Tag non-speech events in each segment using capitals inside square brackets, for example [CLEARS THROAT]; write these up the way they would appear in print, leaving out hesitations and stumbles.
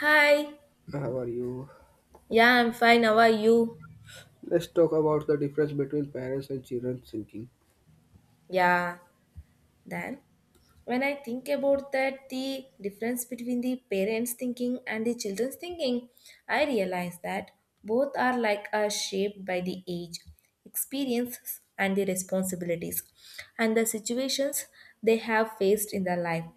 Hi. How are you? Yeah, I'm fine. How are you? Let's talk about the difference between parents and children thinking. Yeah, then. When I think about that the difference between the parents thinking and the children's thinking, I realize that both are like are shaped by the age, experiences, and the responsibilities and the situations they have faced in their life.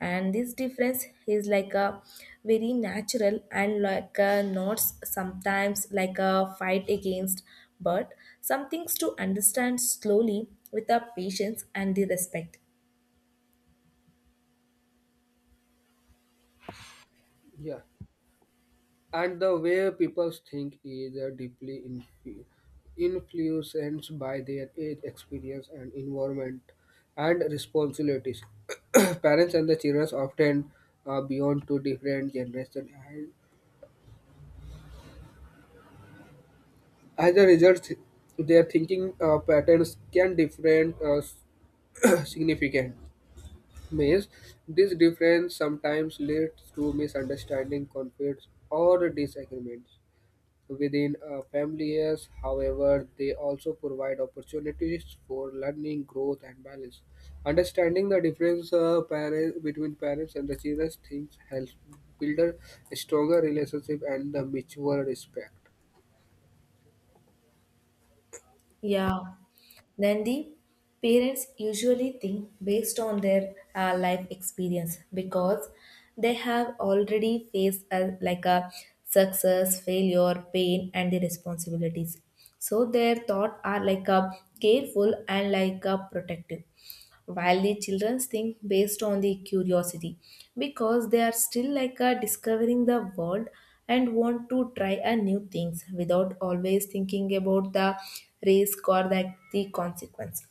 And this difference is like a very natural and like a not sometimes like a fight against, but some things to understand slowly with a patience and the respect. Yeah, and the way people think is deeply influenced by their age, experience, and environment and responsibilities. [COUGHS] [CLEARS THROAT] Parents and the children often beyond two different generations, and as a result, their thinking patterns can different [COUGHS] [CLEARS THROAT] significant. Maze. This difference sometimes leads to misunderstanding, conflicts, or disagreements within a family. Families. However, they also provide opportunities for learning, growth, and balance. Understanding the difference between parents and the children things helps build a stronger relationship and the mutual respect. Yeah. Then the parents usually think based on their life experience because they have already faced like a success, failure, pain, and the responsibilities. So their thought are like a careful and like a protective, while the children think based on the curiosity because they are still like discovering the world and want to try a new things without always thinking about the risk or the consequence.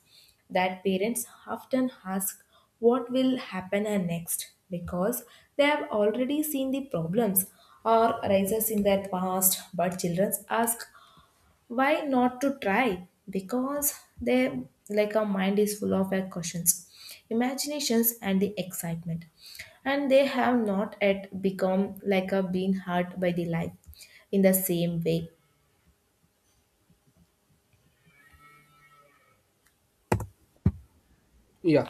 That parents often ask what will happen next because they have already seen the problems or rises in their past, but children ask why not to try because they, like, our mind is full of questions, imaginations, and the excitement, and they have not yet become like a being hurt by the life in the same way. Yeah.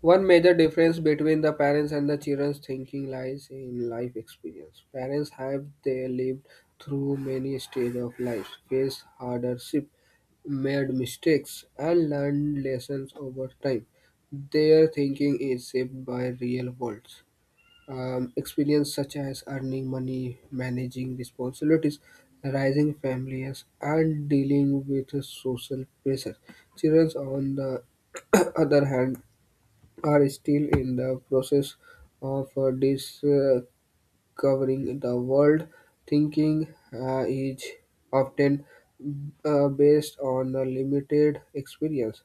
One major difference between the parents and the children's thinking lies in life experience. Parents have they lived through many stages of life, faced hardship, made mistakes, and learned lessons over time. Their thinking is shaped by real world experience such as earning money, managing responsibilities, raising families, and dealing with social pressure. Children, on the [COUGHS] [CLEARS THROAT] other hand, are still in the process of discovering the world. Thinking is often based on a limited experience,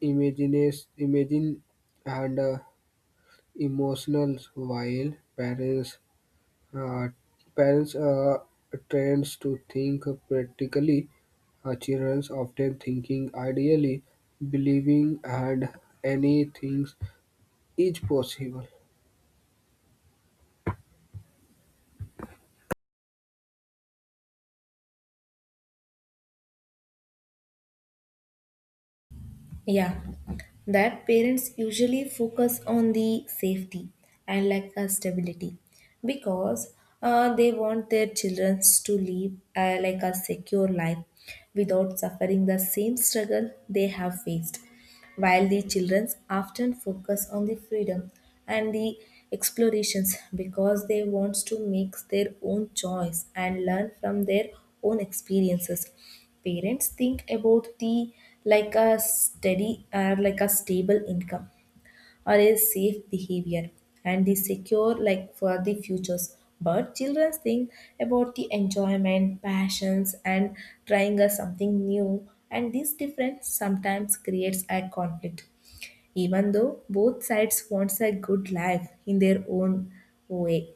imagine, and emotional. While uh, parents are trained to think practically, children often thinking ideally, believing, and anything is possible. Yeah, that parents usually focus on the safety and like a stability because they want their children to live like a secure life without suffering the same struggle they have faced, while the children often focus on the freedom and the explorations because they want to make their own choice and learn from their own experiences. Parents think about the like a steady or like a stable income or a safe behavior and the secure like for the futures, but children think about the enjoyment, passions, and trying us something new, and this difference sometimes creates a conflict even though both sides wants a good life in their own way.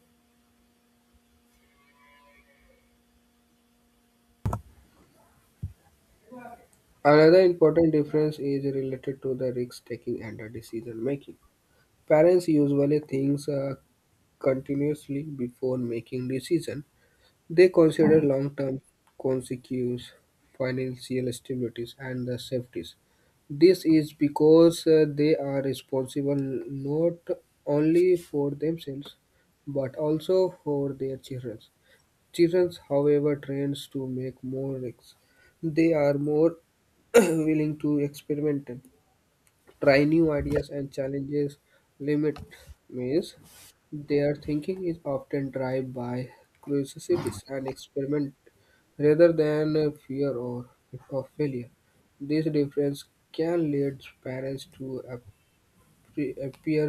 Another important difference is related to the risk taking and the decision making. Parents usually think continuously before making decision. They consider long term consequences, financial stabilities, and the safeties. This is because they are responsible not only for themselves but also for their children. Children, however, trained to make more risks. They are more [CLEARS THROAT] willing to experiment, try new ideas and challenges limit means their thinking is often driven by curiosities and experiment rather than a fear or of failure. This difference can lead parents to appear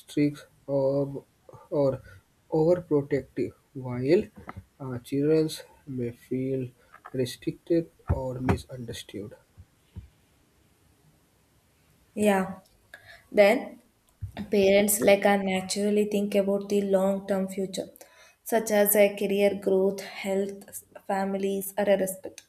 strict or overprotective, while children may feel restricted or misunderstood. Yeah, then parents, like, I naturally think about the long-term future, such as a career growth, health, families, or a respect,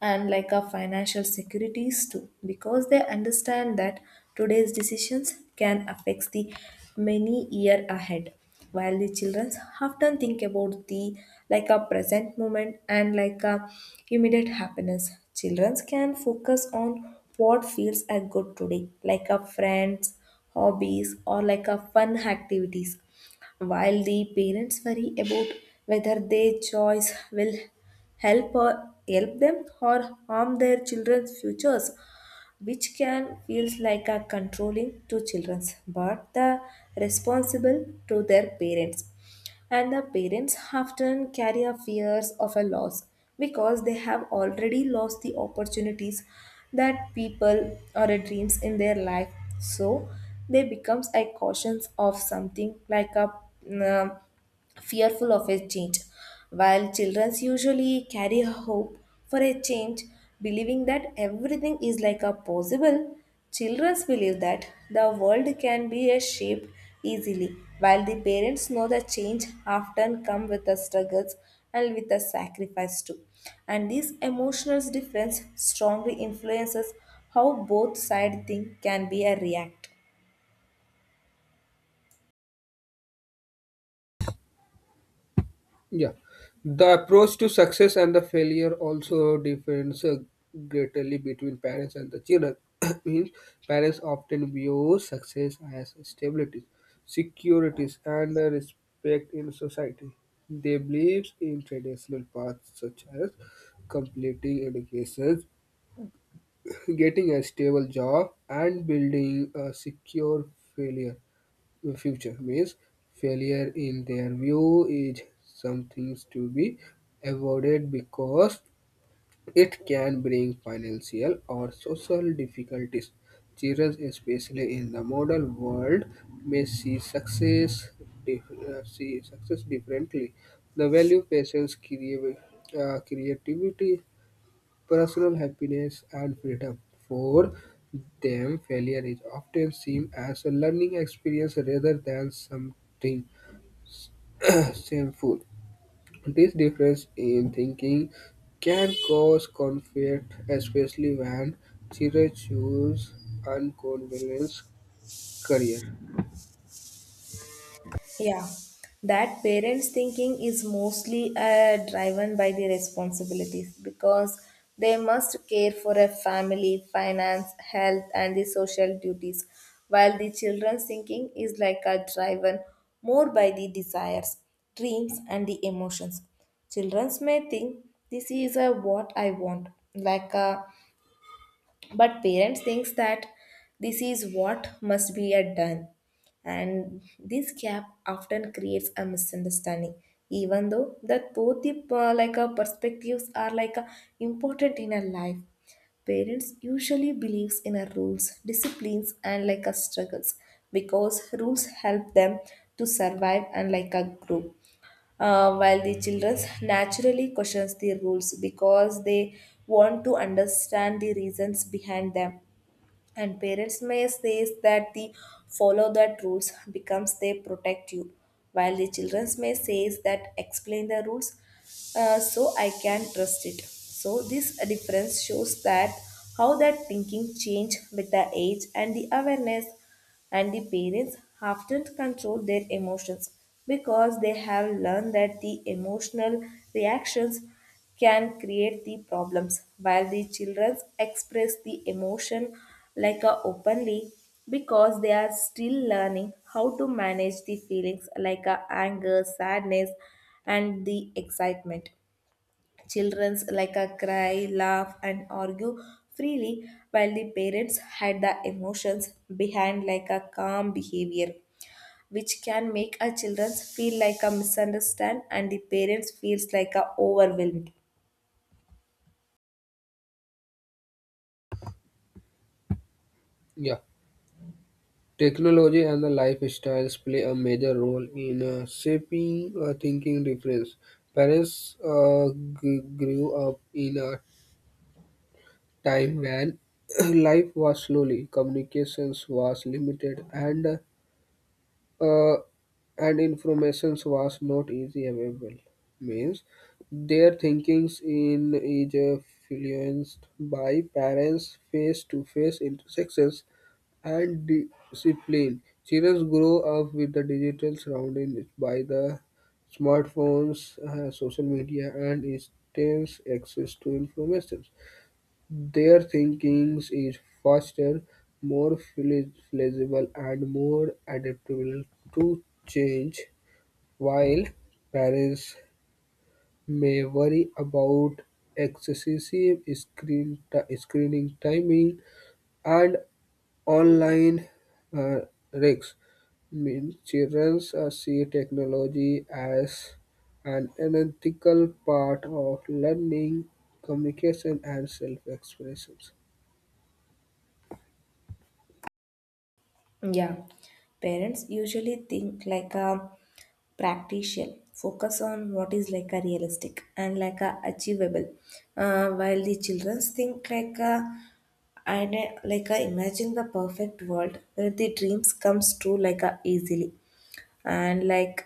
and like our financial securities too, because they understand that today's decisions can affect the many year ahead. While the children often think about the like a present moment and like a immediate happiness, children can focus on what feels a good today, like a friends, hobbies, or like a fun activities, while the parents worry about whether their choice will help or help them or harm their children's futures, which can feels like a controlling to children but the responsible to their parents. And the parents often carry a fears of a loss because they have already lost the opportunities that people or a dreams in their life, so they becomes a caution of something like a mm, fearful of a change, while children usually carry a hope for a change, believing that everything is like a possible. Children believe that the world can be a shaped easily, while the parents know the change often come with the struggles and with the sacrifice too. And this emotional difference strongly influences how both side think can be a react. Yeah, the approach to success and the failure also differs greatly between parents and the children. [COUGHS] [CLEARS THROAT] Means parents often view success as stability, securities, and respect in society. They believe in traditional paths such as completing education, [COUGHS] [CLEARS THROAT] getting a stable job, and building a secure failure future means failure in their view is something to be avoided because it can bring financial or social difficulties. Children, especially in the modern world, may see success, see success differently. The value patience, creativity, personal happiness and freedom. For them, failure is often seen as a learning experience rather than something [CLEARS THROAT] shameful. This difference in thinking can cause conflict, especially when children choose unconventional career. Yeah, that parents' thinking is mostly driven by the responsibilities because they must care for a family, finance, health, and the social duties, while the children's thinking is like a driven more by the desires, dreams, and the emotions. Children may think this is a what I want, like a, but parents thinks that this is what must be a done, and this gap often creates a misunderstanding even though that both the like perspectives are like important in our life. Parents usually believes in a rules, disciplines, and like a struggles because rules help them to survive and like a grow, while the children naturally questions the rules because they want to understand the reasons behind them. And parents may say that the follow that rules becomes they protect you, while the children may say that explain the rules, so I can trust it. So this difference shows that how that thinking change with the age and the awareness. And the parents often control their emotions because they have learned that the emotional reactions can create the problems, while the children express the emotion like a openly because they are still learning how to manage the feelings like a anger, sadness, and the excitement. Children's like a cry, laugh, and argue freely, while the parents hide the emotions behind like a calm behavior, which can make a children feel like a misunderstand and the parents feels like a overwhelmed. Yeah. Technology and the lifestyles play a major role in shaping a thinking difference. Parents grew up in a time when [COUGHS] [CLEARS THROAT] life was slowly, communications was limited, uh, and informations was not easy available. Means their thinkings in is influenced by parents' face-to-face intersections and discipline. Children grow up with the digital surroundings by the smartphones, social media, and instant access to information. Their thinking is faster, more flexible and more adaptable to change, while parents may worry about excessive screening timing and online uh, risks. Mean children see technology as an unethical part of learning, communication, and self-expression. Yeah, parents usually think like a practitioner, focus on what is like a realistic and like a achievable, while the children think like a and like a imagine the perfect world where the dreams comes true like a easily, and like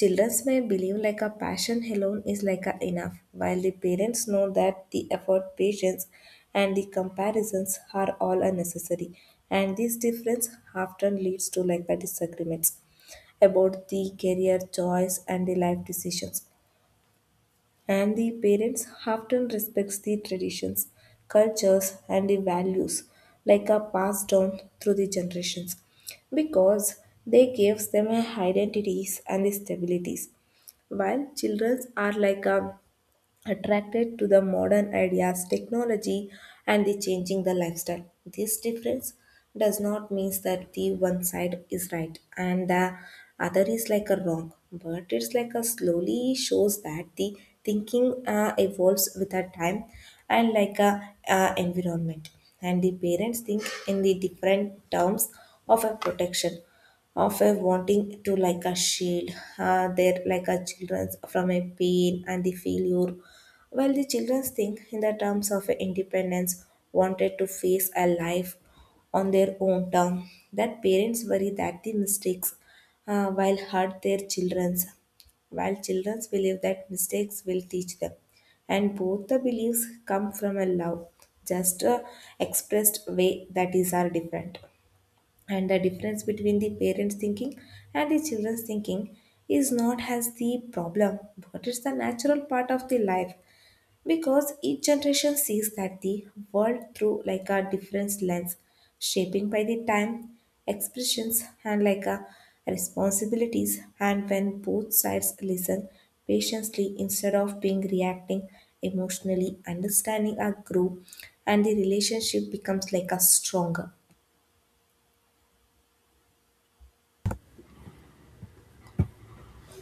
childrens may believe like a passion alone is like a enough, while the parents know that the effort, patience, and the comparisons are all unnecessary. And this difference often leads to like the disagreements about the career choice and the life decisions. And the parents often respects the traditions, cultures, and the values like are passed down through the generations because they gives them a identities and the stabilities, while children are like a attracted to the modern ideas, technology, and the changing the lifestyle. This difference does not mean that the one side is right and the other is like a wrong, but it's like a slowly shows that the thinking evolves with a time and like a environment. And the parents think in the different terms of a protection, of a wanting to like a shield they're like a children's from a pain and the failure, while the children think in the terms of independence, wanted to face a life on their own term. That parents worry that the mistakes while hurt their children's, while children believe that mistakes will teach them, and both the beliefs come from a love, just a expressed way that is are different. And the difference between the parents thinking and the children's thinking is not as the problem, but it's the natural part of the life because each generation sees that the world through like a different lens, shaping by the time, expressions, and like a responsibilities. And when both sides listen patiently instead of being reacting emotionally, understanding a group and the relationship becomes like a stronger.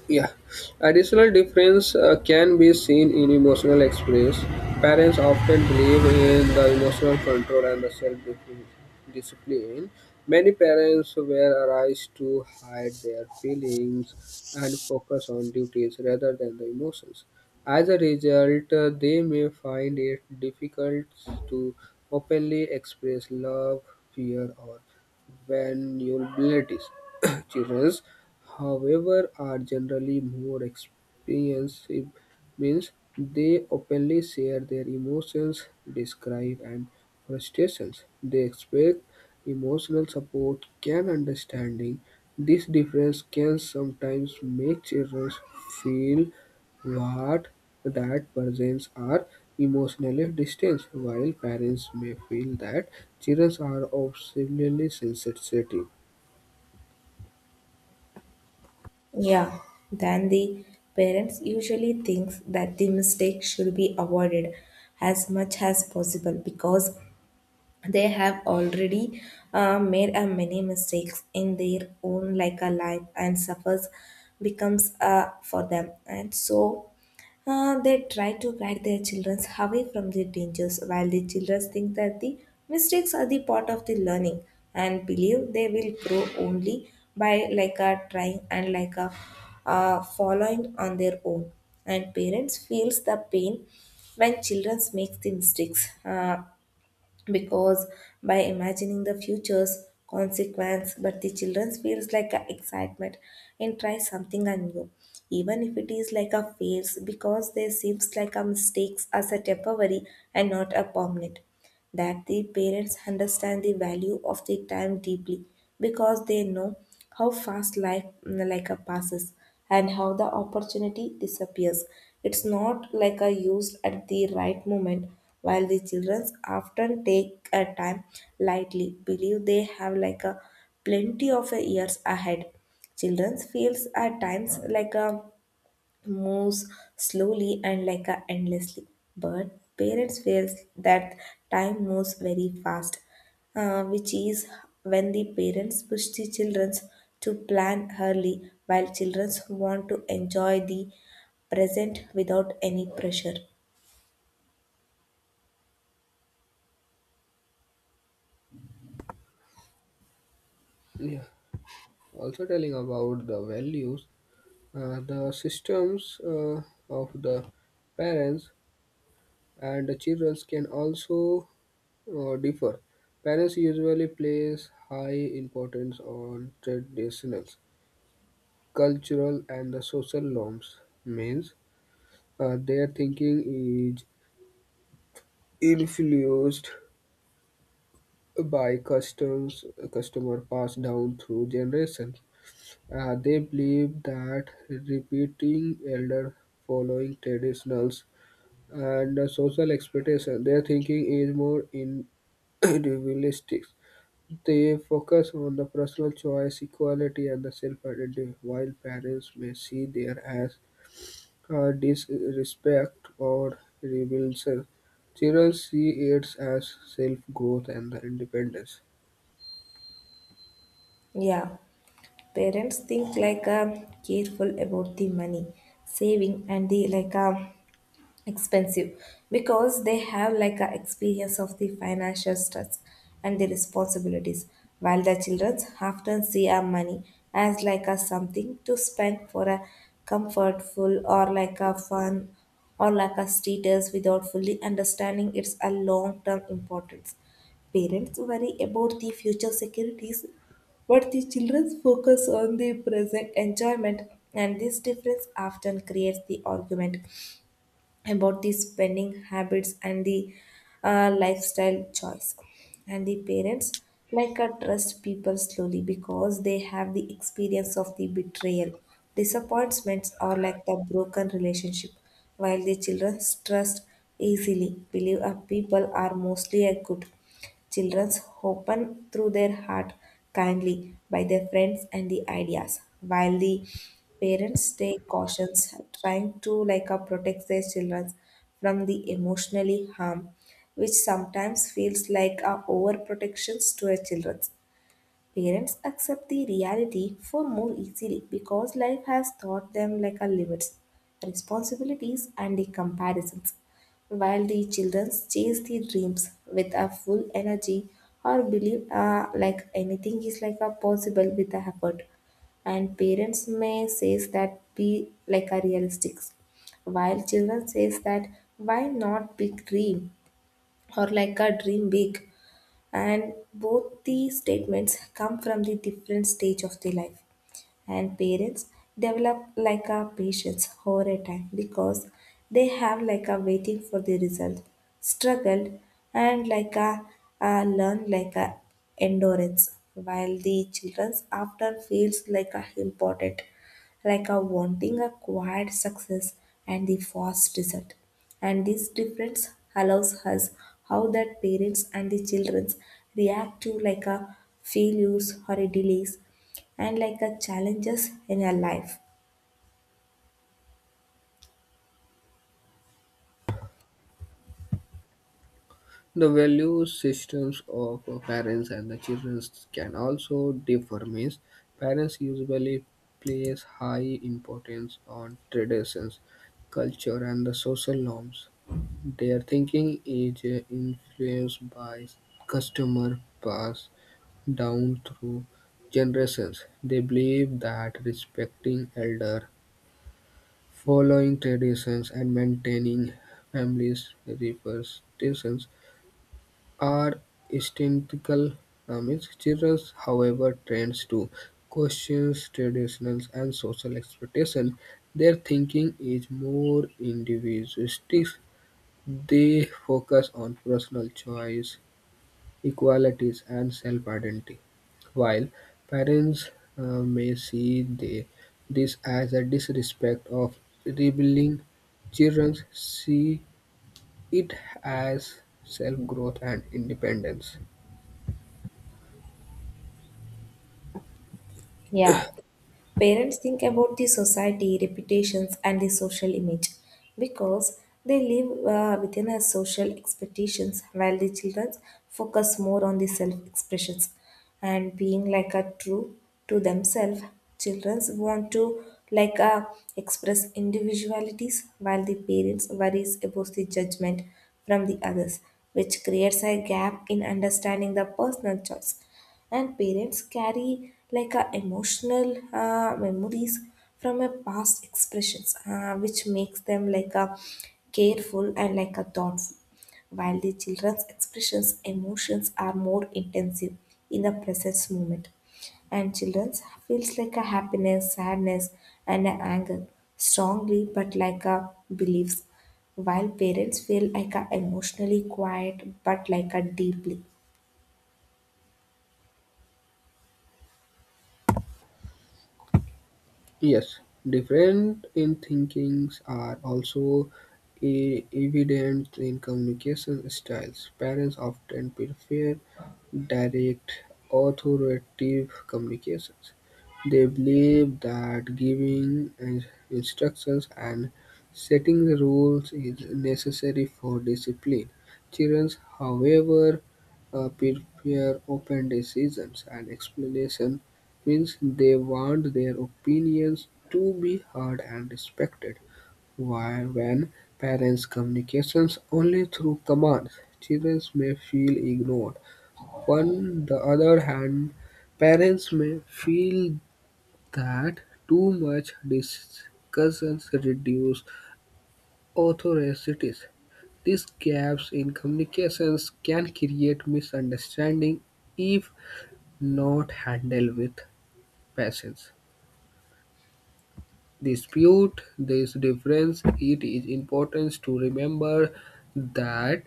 Yeah, additional difference can be seen in emotional express. Parents often believe in the emotional control and the self-discipline. Many parents were raised to hide their feelings and focus on duties rather than the emotions. As a result, they may find it difficult to openly express love, fear, or vulnerabilities. [COUGHS] Children however, are generally more expressive, means they openly share their emotions, describe and frustrations. They expect emotional support, can understanding. This difference can sometimes make children feel what that persons are emotionally distant, while parents may feel that children are obsessively sensitive. Yeah, then the parents usually thinks that the mistake should be avoided as much as possible because they have already made a many mistakes in their own like a life and suffers becomes for them, and so they try to guide their children away from the dangers, while the children think that the mistakes are the part of the learning and believe they will grow only by like a trying and like a following on their own. And parents feels the pain when children make the mistakes, because by imagining the future's consequence, but the children feels like a excitement and try something new even if it is like a fails because they seems like a mistakes as a temporary and not a permanent. That the parents understand the value of the time deeply because they know how fast life like a passes and how the opportunity disappears it's not like a used at the right moment, while the children often take a time lightly, believe they have like a plenty of years ahead. Children feels at times like a moves slowly and like a endlessly. But parents feel that time moves very fast, which is when the parents push the children to plan early, while children want to enjoy the present without any pressure. Yeah. Also telling about the values, the systems of the parents and the children can also differ. Parents usually place high importance on traditional, cultural, and the social norms. Means their thinking is influenced by customs, customer passed down through generations. They believe that repeating elder following traditionals and social expectation, their thinking is more [COUGHS] [CLEARS THROAT] individualistic. They focus on the personal choice, equality, and the self-identity, while parents may see there as disrespect or rebellion. Children see it as self-growth and the independence. Yeah, parents think like careful about the money, saving, and the like. Expensive because they have like a experience of the financial stress and the responsibilities, while the children often see our money as like a something to spend for a comfortful or like a fun or like a status without fully understanding its a long term importance. Parents worry about the future securities, but the children focus on the present enjoyment, and this difference often creates the argument about the spending habits and the lifestyle choice. And the parents like a trust people slowly because they have the experience of the betrayal, disappointments, or like the broken relationship, while the children trust easily, believe a people are mostly a good. Children's open through their heart kindly by their friends and the ideas, while the parents take cautions, trying to like protect their children from the emotionally harm, which sometimes feels like a overprotections to a children. Parents accept the reality for more easily because life has taught them like a limits, responsibilities, and the comparisons. While the children chase the dreams with a full energy or believe like anything is like a possible with a effort, and parents may says that be like a realistic, while children says that why not big dream or like a dream big. And both the statements come from the different stage of the life, and parents develop like a patience over a time because they have like a waiting for the result struggled and like a, a learn like a endurance, while the children's after feels like a important, like a wanting a quiet success and the fast result. And this difference allows us how that parents and the children react to like a failures or a delays and like a challenges in your life. The value systems of parents and the children can also differ. Means parents usually place high importance on traditions, culture, and the social norms. Their thinking is influenced by customer passed down through generations. They believe that respecting elder, following traditions, and maintaining families' representations are instinctual. Means children, however, tends to question traditions and social expectations. Their thinking is more individualistic. They focus on personal choice, equalities, and self-identity. While parents may see this as a disrespect of rebelling, children see it as self-growth and independence. Yeah. Parents think about the society, reputations, and the social image because they live within a social expectations, while the children focus more on the self expressions and being like a true to themselves. Children want to like uh, express individualities, while the parents worries about the judgment from the others, which creates a gap in understanding the personal choice. And parents carry like a emotional memories from a past expressions, which makes them like a careful and like a thoughtful, while the children's expressions emotions are more intensive in the present moment. And children feels like a happiness sadness and a anger strongly but like a beliefs, while parents feel like a emotionally quiet but like a deeply. Yes, different in thinkings are also evident in communication styles. Parents often prefer direct, authoritative communications. They believe that giving instructions and setting the rules is necessary for discipline. Children, however, prefer open decisions and explanations means they want their opinions to be heard and respected. While when parents communications only through commands, children may feel ignored. On the other hand, parents may feel that too much discussions reduce authorities. These gaps in communications can create misunderstanding if not handled with patience. Dispute this difference, it is important to remember that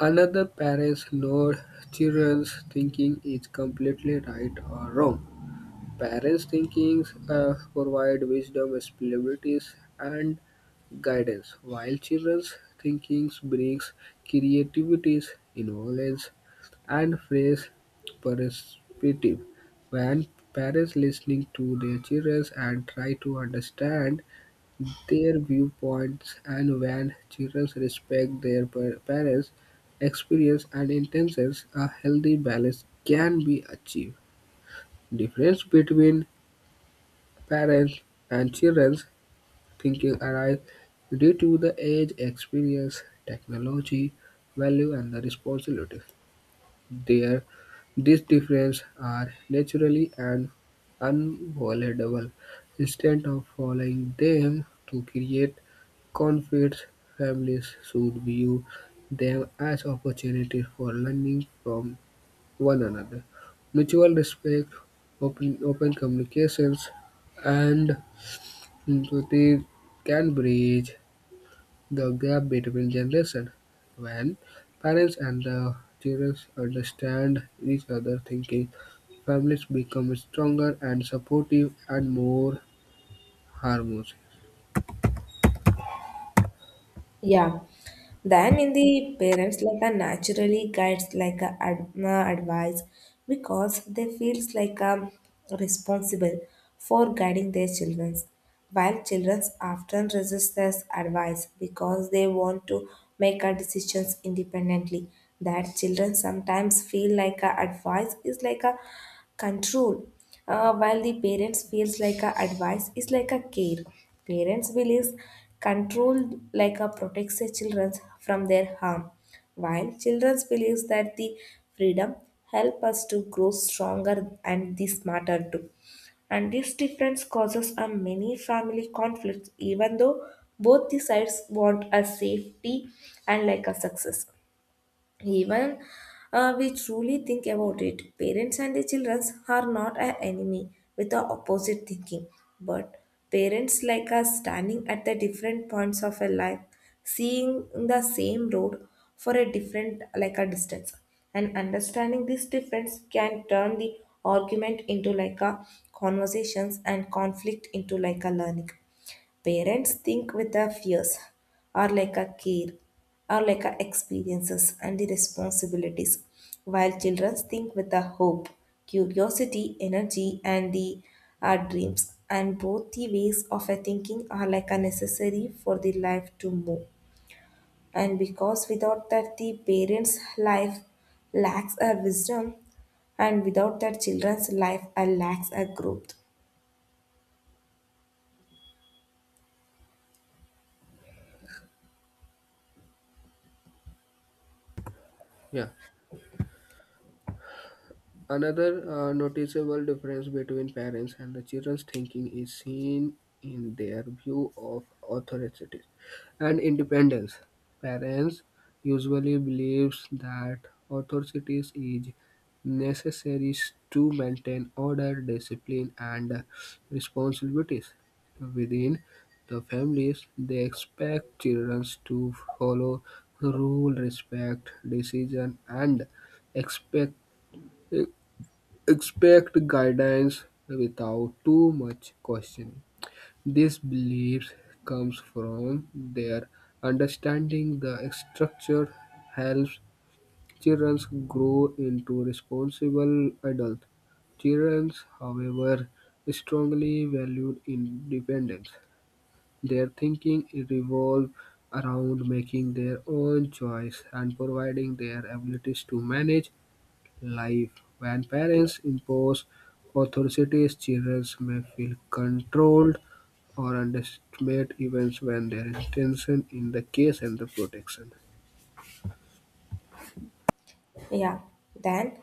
another parent's nor children's thinking is completely right or wrong. Parents' thinking provide wisdom, possibilities, and guidance, while children's thinking brings creativity, innovation, and fresh perspective. When parents listening to their children and try to understand their viewpoints and when children respect their parents' experience and intentions, a healthy balance can be achieved. Difference between parents and children's thinking arise due to the age, experience, technology, value, and the responsibility. There, these differences are naturally and unavoidable. Instead of following them to create conflicts, families should view them as opportunities for learning from one another. Mutual respect, open communications, and empathy can bridge the gap between generations, when parents and the children understand each other, thinking, families become stronger and supportive and more harmonious. Yeah. Then in the parents like a naturally guides like a advice because they feels like responsible for guiding their children, while children often resist this advice because they want to make our decisions independently. That children sometimes feel like a advice is like a control, while the parents feels like a advice is like a care. Parents believes control like a protects the children from their harm, while children believes that the freedom help us to grow stronger and the smarter too. And this difference causes a many family conflicts even though both the sides want a safety and like a success. Even we truly think about it, parents and the children are not an enemy with the opposite thinking, but parents like us standing at the different points of a life, seeing the same road for a different like a distance, and understanding this difference can turn the argument into like a conversations and conflict into like a learning. Parents think with their fears or like a care or like a experiences and the responsibilities, while children think with the hope, curiosity, energy, and the dreams. And both the ways of a thinking are like a necessary for the life to move. And because without that, the parents' life lacks a wisdom, and without that, children's life lacks a growth. Yeah. Another noticeable difference between parents and the children's thinking is seen in their view of authority and independence. Parents usually believes that authority is necessary to maintain order, discipline, and responsibilities within the families. They expect children to follow rule, respect decision, and expect expect guidance without too much questioning. This belief comes from their understanding the structure helps children grow into responsible adults. Children, however, strongly value independence. Their thinking revolves around making their own choice and providing their abilities to manage life, when parents impose authorities, children may feel controlled or underestimate events when their intention in the case and the protection. Yeah, then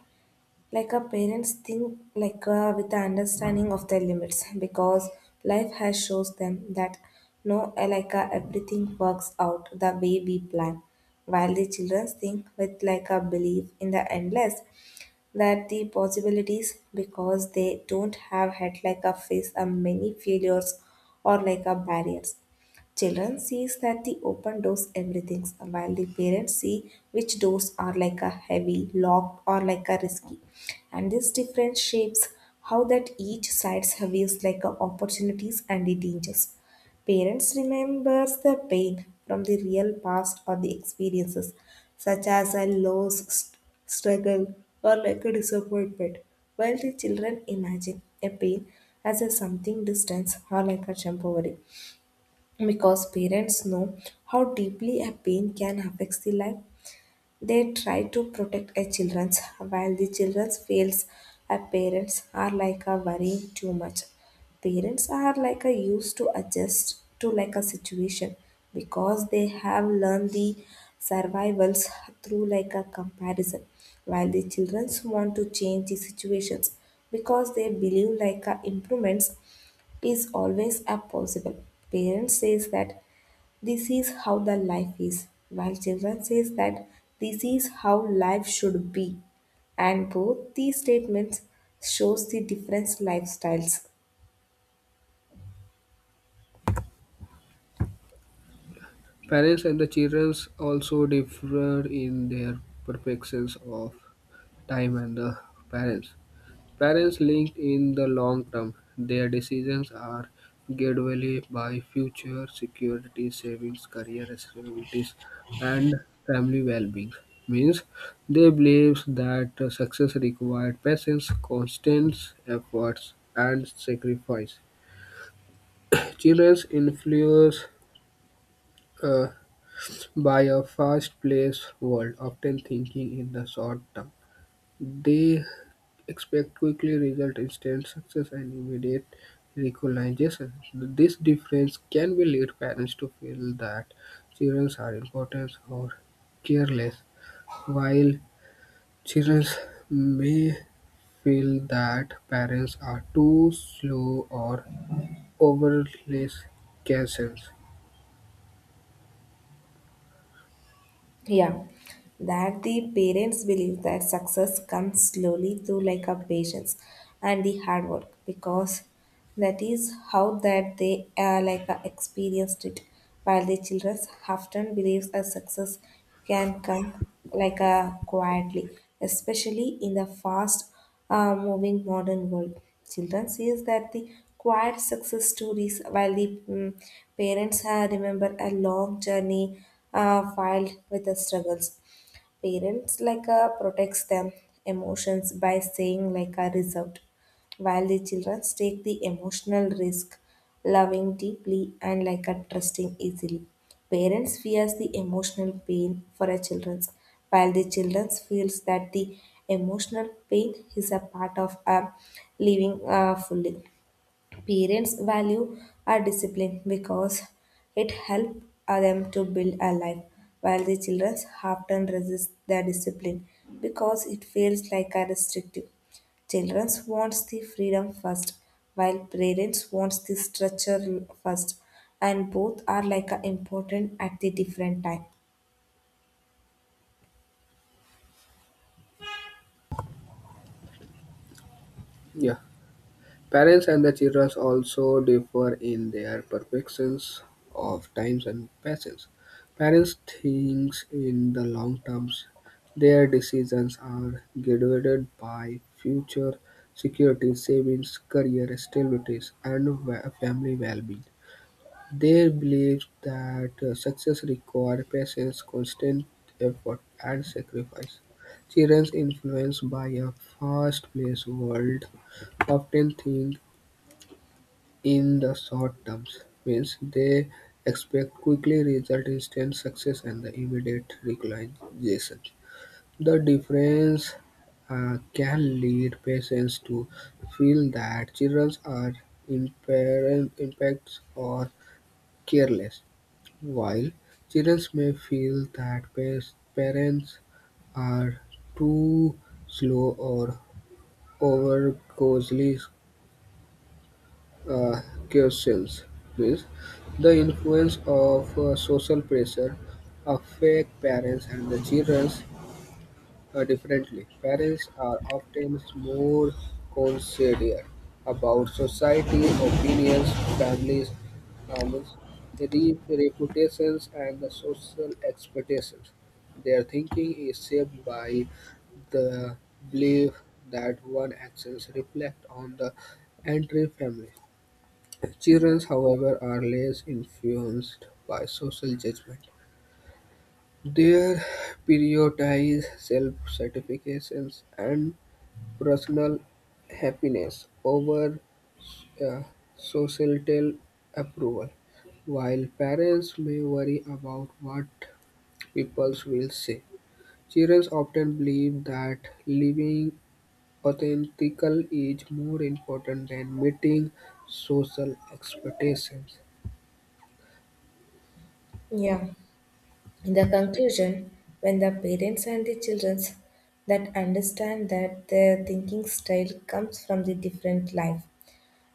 like our parents think like with the understanding of their limits because life has shows them that no everything works out the way we plan, while the children think with like a belief in the endless that the possibilities because they don't have had like a face a many failures or like a barriers. Children sees that the open doors everything, while the parents see which doors are like a heavy, locked, or like a risky. And this difference shapes how that each side views like a opportunities and the dangers. Parents remembers the pain from the real past or the experiences, such as a loss, struggle, or like a disappointment, while the children imagine a pain as a something distant or like a temporary. Because parents know how deeply a pain can affect the life, they try to protect a children's, while the childrens fails a parents are like a worrying too much. Parents are like a used to adjust to like a situation because they have learned the survivals through like a comparison, while the children want to change the situations because they believe like a improvements is always a possible. Parents says that this is how the life is, while children says that this is how life should be. And both these statements shows the different lifestyles. Parents and the children also differ in their perceptions of time and the parents. Parents linked in the long term, their decisions are gradually by future security, savings, career responsibilities, and family well-being. Means they believe that success required patience, constant efforts, and sacrifice. Children influenced uh, by a fast-paced world, often thinking in the short term. They expect quickly result, instant success, and immediate recognition. This difference can be lead parents to feel that children are important or careless, while children may feel that parents are too slow or overly cautious. Yeah, that the parents believe that success comes slowly through like a patience and the hard work because that is how that they experienced it. While the children often believes a success can come like a quietly, especially in the fast moving modern world. Children sees that the quiet success stories, while the parents remember a long journey filled with the struggles. Parents like protects them emotions by saying like a reserved, while the children take the emotional risk, loving deeply and like a trusting easily. Parents fears the emotional pain for a children's, while the children feels that the emotional pain is a part of a living fully. Parents value our discipline because it helps them to build a life, while the children often resist their discipline because it feels like a restrictive. Children wants the freedom first, while parents wants the structure first, and both are like a important at the different time. Yeah. Parents and the children also differ in their perceptions of times and patience. Parents think in the long terms. Their decisions are guided by future security, savings, career stabilities, and family well-being. They believe that success requires patience, constant effort, and sacrifice. Children influenced by a fast-paced world often think in the short terms, means they expect quickly result, instant success, and the immediate recognition. The difference can lead patients to feel that children are impacts or careless, while children may feel that parents are too slow or over uh, carousels means the influence of social pressure affect parents and the children differently. Parents are often more considerate about society opinions, families, norms, reputations, and the social expectations. Their thinking is shaped by the belief that one actions reflect on the entire family. Children, however, are less influenced by social judgment. They prioritize self-satisfaction and personal happiness over uh, societal approval. While parents may worry about what people will say, children often believe that living authentically is more important than meeting social expectations. Yeah. In the conclusion, when the parents and the children that understand that their thinking style comes from the different life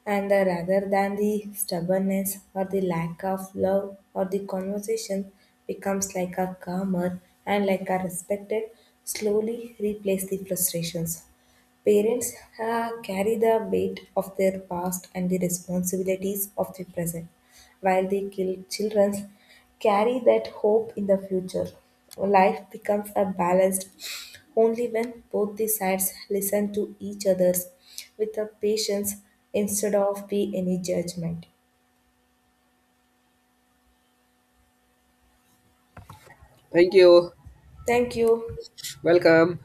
and the- rather than the stubbornness or the lack of love or the conversation becomes like a calmer and like a respected slowly replace the frustrations. Parents carry the weight of their past and the responsibilities of the present, while the children carry that hope in the future. Life becomes a balanced only when both the sides listen to each other's with a patience instead of the any judgment. Thank you. Thank you. Welcome.